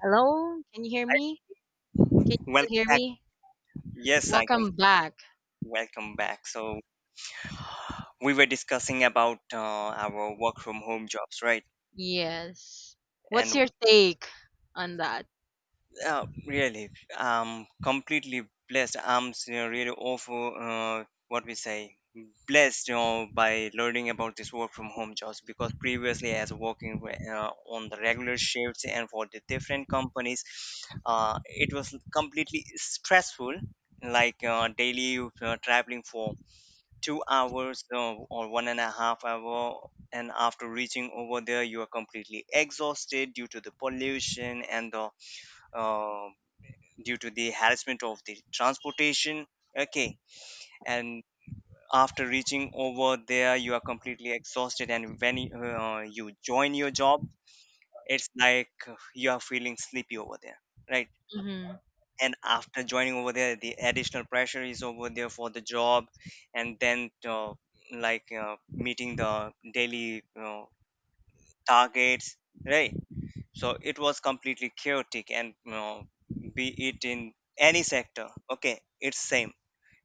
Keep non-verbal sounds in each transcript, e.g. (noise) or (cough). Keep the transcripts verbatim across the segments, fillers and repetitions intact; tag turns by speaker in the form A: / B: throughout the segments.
A: Hello, can you hear me? Can you still
B: Welcome
A: hear
B: back.
A: me?
B: Yes, I can.
A: Welcome back.
B: Welcome back. So we were discussing about uh, our work from home jobs, right?
A: Yes. What's
B: And
A: your take on that?
B: uh, really, I'm completely blessed. I'm s- uh, really awful. Uh, what we say, blessed, you know, by learning about this work from home jobs because previously, as working wi- uh, on the regular shifts and for the different companies, uh, it was completely stressful. Like uh, daily, uh, traveling for two hours, uh, or one and a half hour, and after reaching over there you are completely exhausted due to the pollution and the uh, due to the harassment of the transportation. Okay. And after reaching over there you are completely exhausted, and when you- uh, you join your job it's like uh, you are feeling sleepy over there, right?
A: Mm-hmm.
B: And after joining over there the additional pressure is over there for the job. And then uh, like uh, meeting the daily you targets, right? So it was completely chaotic, and you know, be it in any sector, okay, it's same.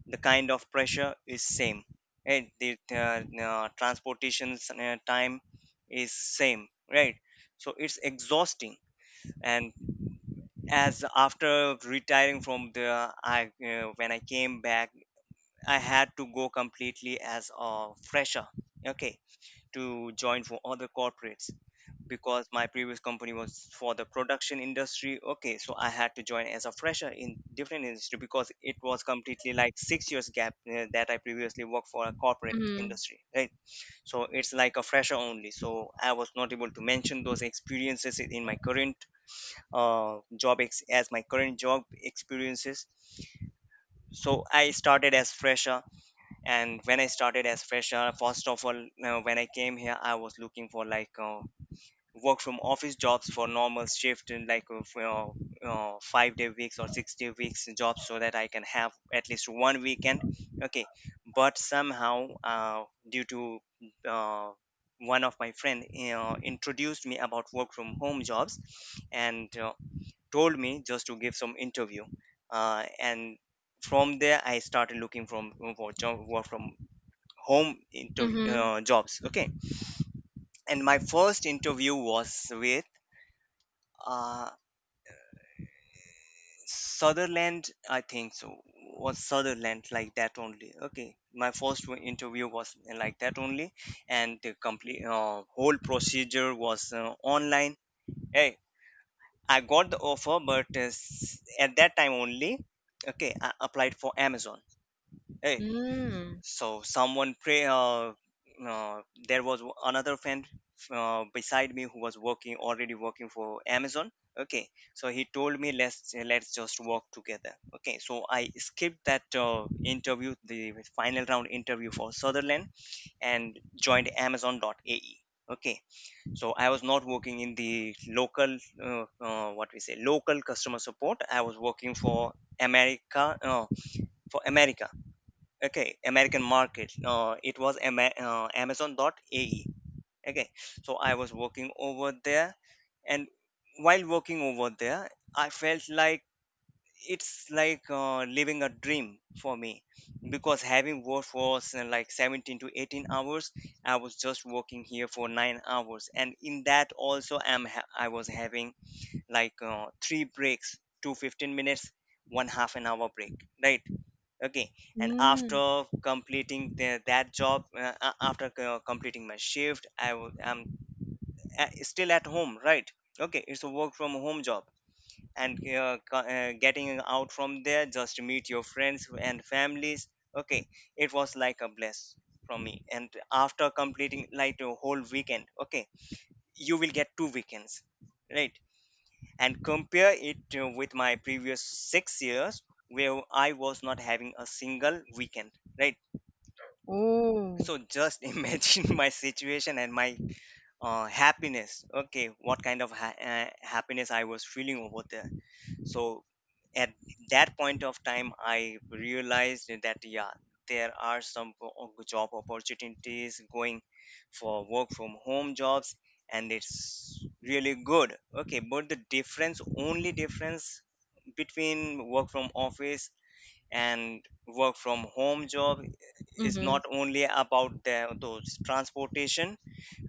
B: The kind of pressure is same, right? The uh, uh, transportation uh, time is same, right? So it's exhausting. And as after retiring from the I uh, when I came back, I had to go completely as a fresher. Okay. To join for other corporates. Because my previous company was for the production industry. Okay, so I had to join as a fresher in different industry because it was completely like six years gap uh, that I previously worked for a corporate
A: Mm-hmm.
B: industry, right? So it's like a fresher only, so I was not able to mention those experiences in my current uh, job ex- as my current job experiences. So I started as fresher. And when I started as fresher, first of all, uh, when I came here I was looking for like uh, work from office jobs for normal shift in like uh, f- uh, uh, five day weeks or six day weeks jobs so that I can have at least one weekend. Okay. But somehow uh, due to, uh, one of my friend uh, introduced me about work from home jobs. And uh, told me just to give some interview. Uh, and from there I started looking from for job work from home interview
A: Mm-hmm.
B: uh, jobs. Okay. And my first interview was with, uh, Sutherland, I think. So was Sutherland, like that only. Okay, my first one interview was like that only. And the complete uh, whole procedure was uh, online. Hey, I got the offer but, uh, s- at that time only. Okay, I applied for Amazon. Hey.
A: Mm.
B: So someone pray, uh, uh, there was, w- another friend uh, beside me who was working already working for Amazon. Okay. So he told me, let's, let's just work together. Okay, so I skipped that uh, interview, the final round interview for Sutherland, and joined Amazon dot A E. Okay, so I was not working in the local, uh, uh, what we say, local customer support. I was working for America, uh, for America. Okay, American market, uh, it was, Ama- uh, A E. Okay. So I was working over there. And while working over there I felt like it's like uh, living a dream for me because having worked for, s- like seventeen to eighteen hours, I was just working here for nine hours, and in that also, i'm ha- I was having like uh, three breaks, two fifteen minutes, one half an hour break, right? Okay. And
A: Mm.
B: after completing the, that job uh, a- after co- completing my shift, i w- I'm a- still at home, right? Okay, it's a work from home job. And uh, co- uh, getting out from there just to meet your friends and families. Okay, it was like a bless from me. And after completing like a whole weekend, okay, you will get two weekends, right? And compare it uh, with my previous six years where I was not having a single weekend, right?
A: Oh.
B: So just (laughs) imagine my situation and my uh, happiness. Okay, what kind of ha- uh, happiness I was feeling over there. So at that point of time, I realized that yeah, there are some o- job opportunities going for work from home jobs, and it's really good. Okay, but the difference, only difference between work from office and work from home job is
A: Mm-hmm.
B: not only about the, those transportation,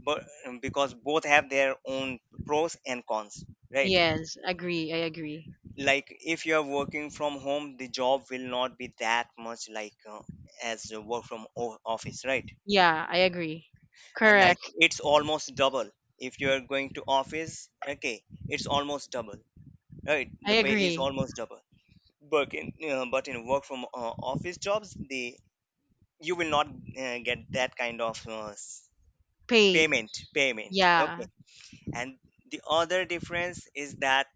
B: but, um, because both have their own pros and cons, right?
A: Yes, agree. I agree.
B: Like if you are working from home the job will not be that much like uh, as a work from o- office, right?
A: Yeah, I agree.
B: Uh, like
A: Correct.
B: it's almost double if you are going to office. Okay, it's almost double, right?
A: I
B: The pay is
A: agree.
B: almost double. But in uh, but in work from uh, office jobs, the, you will not uh, get that kind of, uh, s-
A: Pay.
B: payment payment,
A: Yeah.
B: Okay. And the other difference is that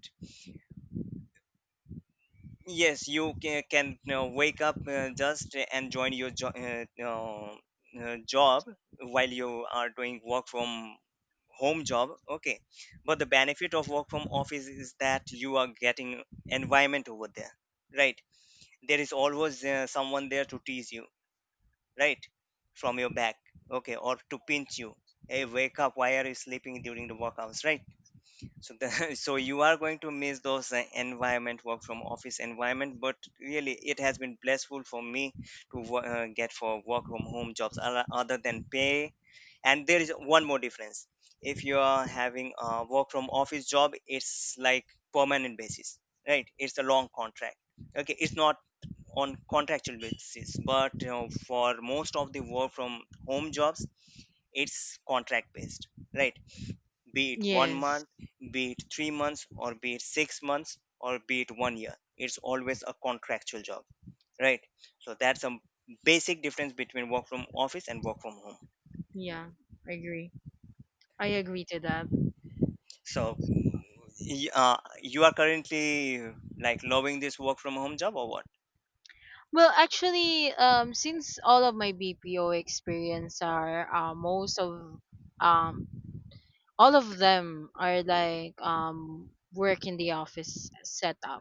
B: yes, you can, can you know, wake up, uh, just and join your jo- uh, uh, uh, job while you are doing work from home job. Okay. But the benefit of work from office is that you are getting environment over there, right? There is always uh, someone there to tease you, right? From your back. Okay. Or to pinch you, hey, wake up, why are you sleeping during the workouts, right? so the, (laughs) so you are going to miss those uh, environment, work from office environment, but really it has been blessful for me to wo- uh, get for work from home jobs, other other than pay. And there is one more difference. If you are having a work from office job it's like permanent basis, right? It's a long contract. Okay, it's not on contractual basis, but, you know, for most of the work from home jobs it's contract based, right? Be it one
A: Yes.
B: month be it three months, or be it six months, or be it one year, it's always a contractual job, right? So that's a basic difference between work from office and work from home.
A: Yeah. I agree. I agree to that.
B: So, y- uh, you are currently like loving this work from home job or what?
A: Well, actually, um, since all of my B P O experience are uh, most of um all of them are like um work in the office setup.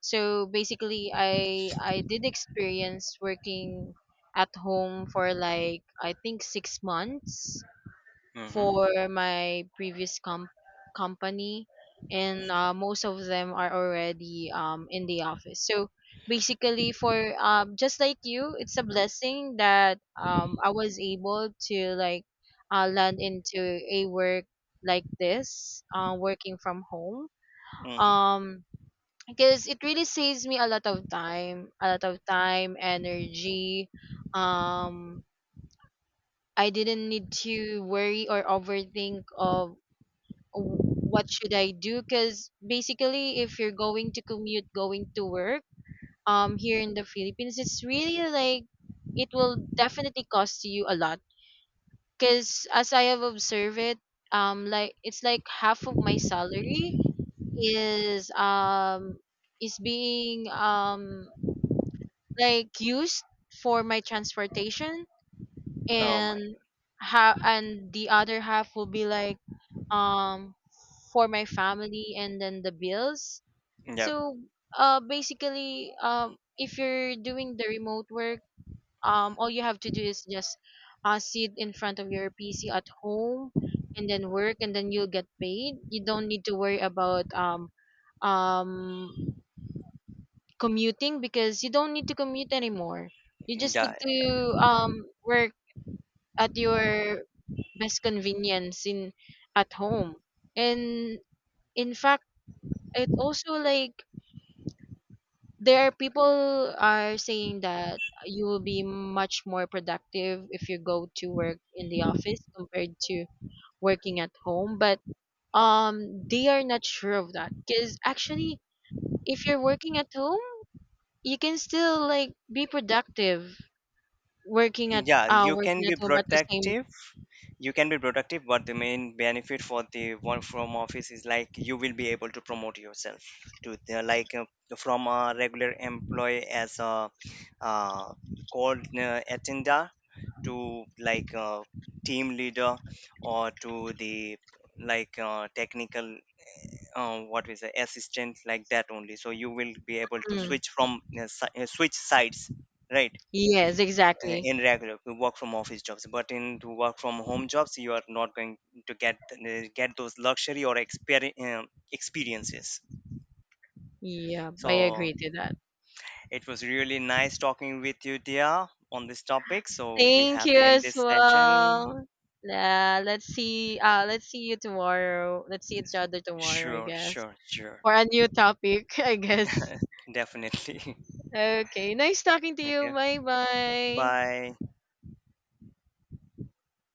A: So basically, I I did experience working at home for like I think six months
B: Mm-hmm.
A: for my previous com- company and uh, most of them are already um, in the office, so basically for um, just like you, it's a blessing that um, I was able to like uh, land into a work like this, uh, working from home,
B: Hmm.
A: um, because it really saves me a lot of time, a lot of time, energy. um, I didn't need to worry or overthink of w- what should I do? Because basically, if you're going to commute, going to work, um, here in the Philippines, it's really like it will definitely cost you a lot. Because as I have observed it, um, like it's like half of my salary is um is being um like used for my transportation.
B: Oh my.
A: And how and the other half will be like um for my family and then the bills.
B: Yeah.
A: So uh basically, um if you're doing the remote work, um all you have to do is just uh sit in front of your PC at home and then work, and then you'll get paid. You don't need to worry about um um commuting, because you don't need to commute anymore. You just
B: Yeah,
A: need
B: yeah,
A: to um work at your best convenience in at home. And in fact, it also like there are people are saying that you will be much more productive if you go to work in the office compared to working at home. But um they are not sure of that, because actually, if you're working at home, you can still like be productive working at
B: yeah,
A: uh
B: you can
A: working
B: be
A: at home at the same.
B: protective, you can be productive, but the main benefit for the work from office is like you will be able to promote yourself to the, like uh, from a regular employee as a, uh, called uh, attender, to like a team leader, or to the, like uh, technical, uh, what is the assistant, like that only, so you will be able to
A: Mm,
B: switch from uh, si- uh, switch sides, right?
A: yes,
B: Uh,
A: exactly.
B: in regular uh, work from office jobs, but in to work from home jobs you are not going to get uh, get those luxury or exper- um experiences.
A: Yeah, I
B: So
A: agree to that.
B: it was really nice talking with you, dear, on this topic, so we
A: Thank
B: have to
A: you
B: end
A: as
B: this session.
A: well. Yeah, let's see. Uh, let's see you tomorrow. Let's see each other tomorrow, I
B: Sure,
A: guess,
B: sure, sure.
A: for a new topic, (laughs) I guess.
B: (laughs) Definitely.
A: Okay, nice talking to
B: (laughs)
A: you.
B: Okay.
A: Bye bye.
B: Bye.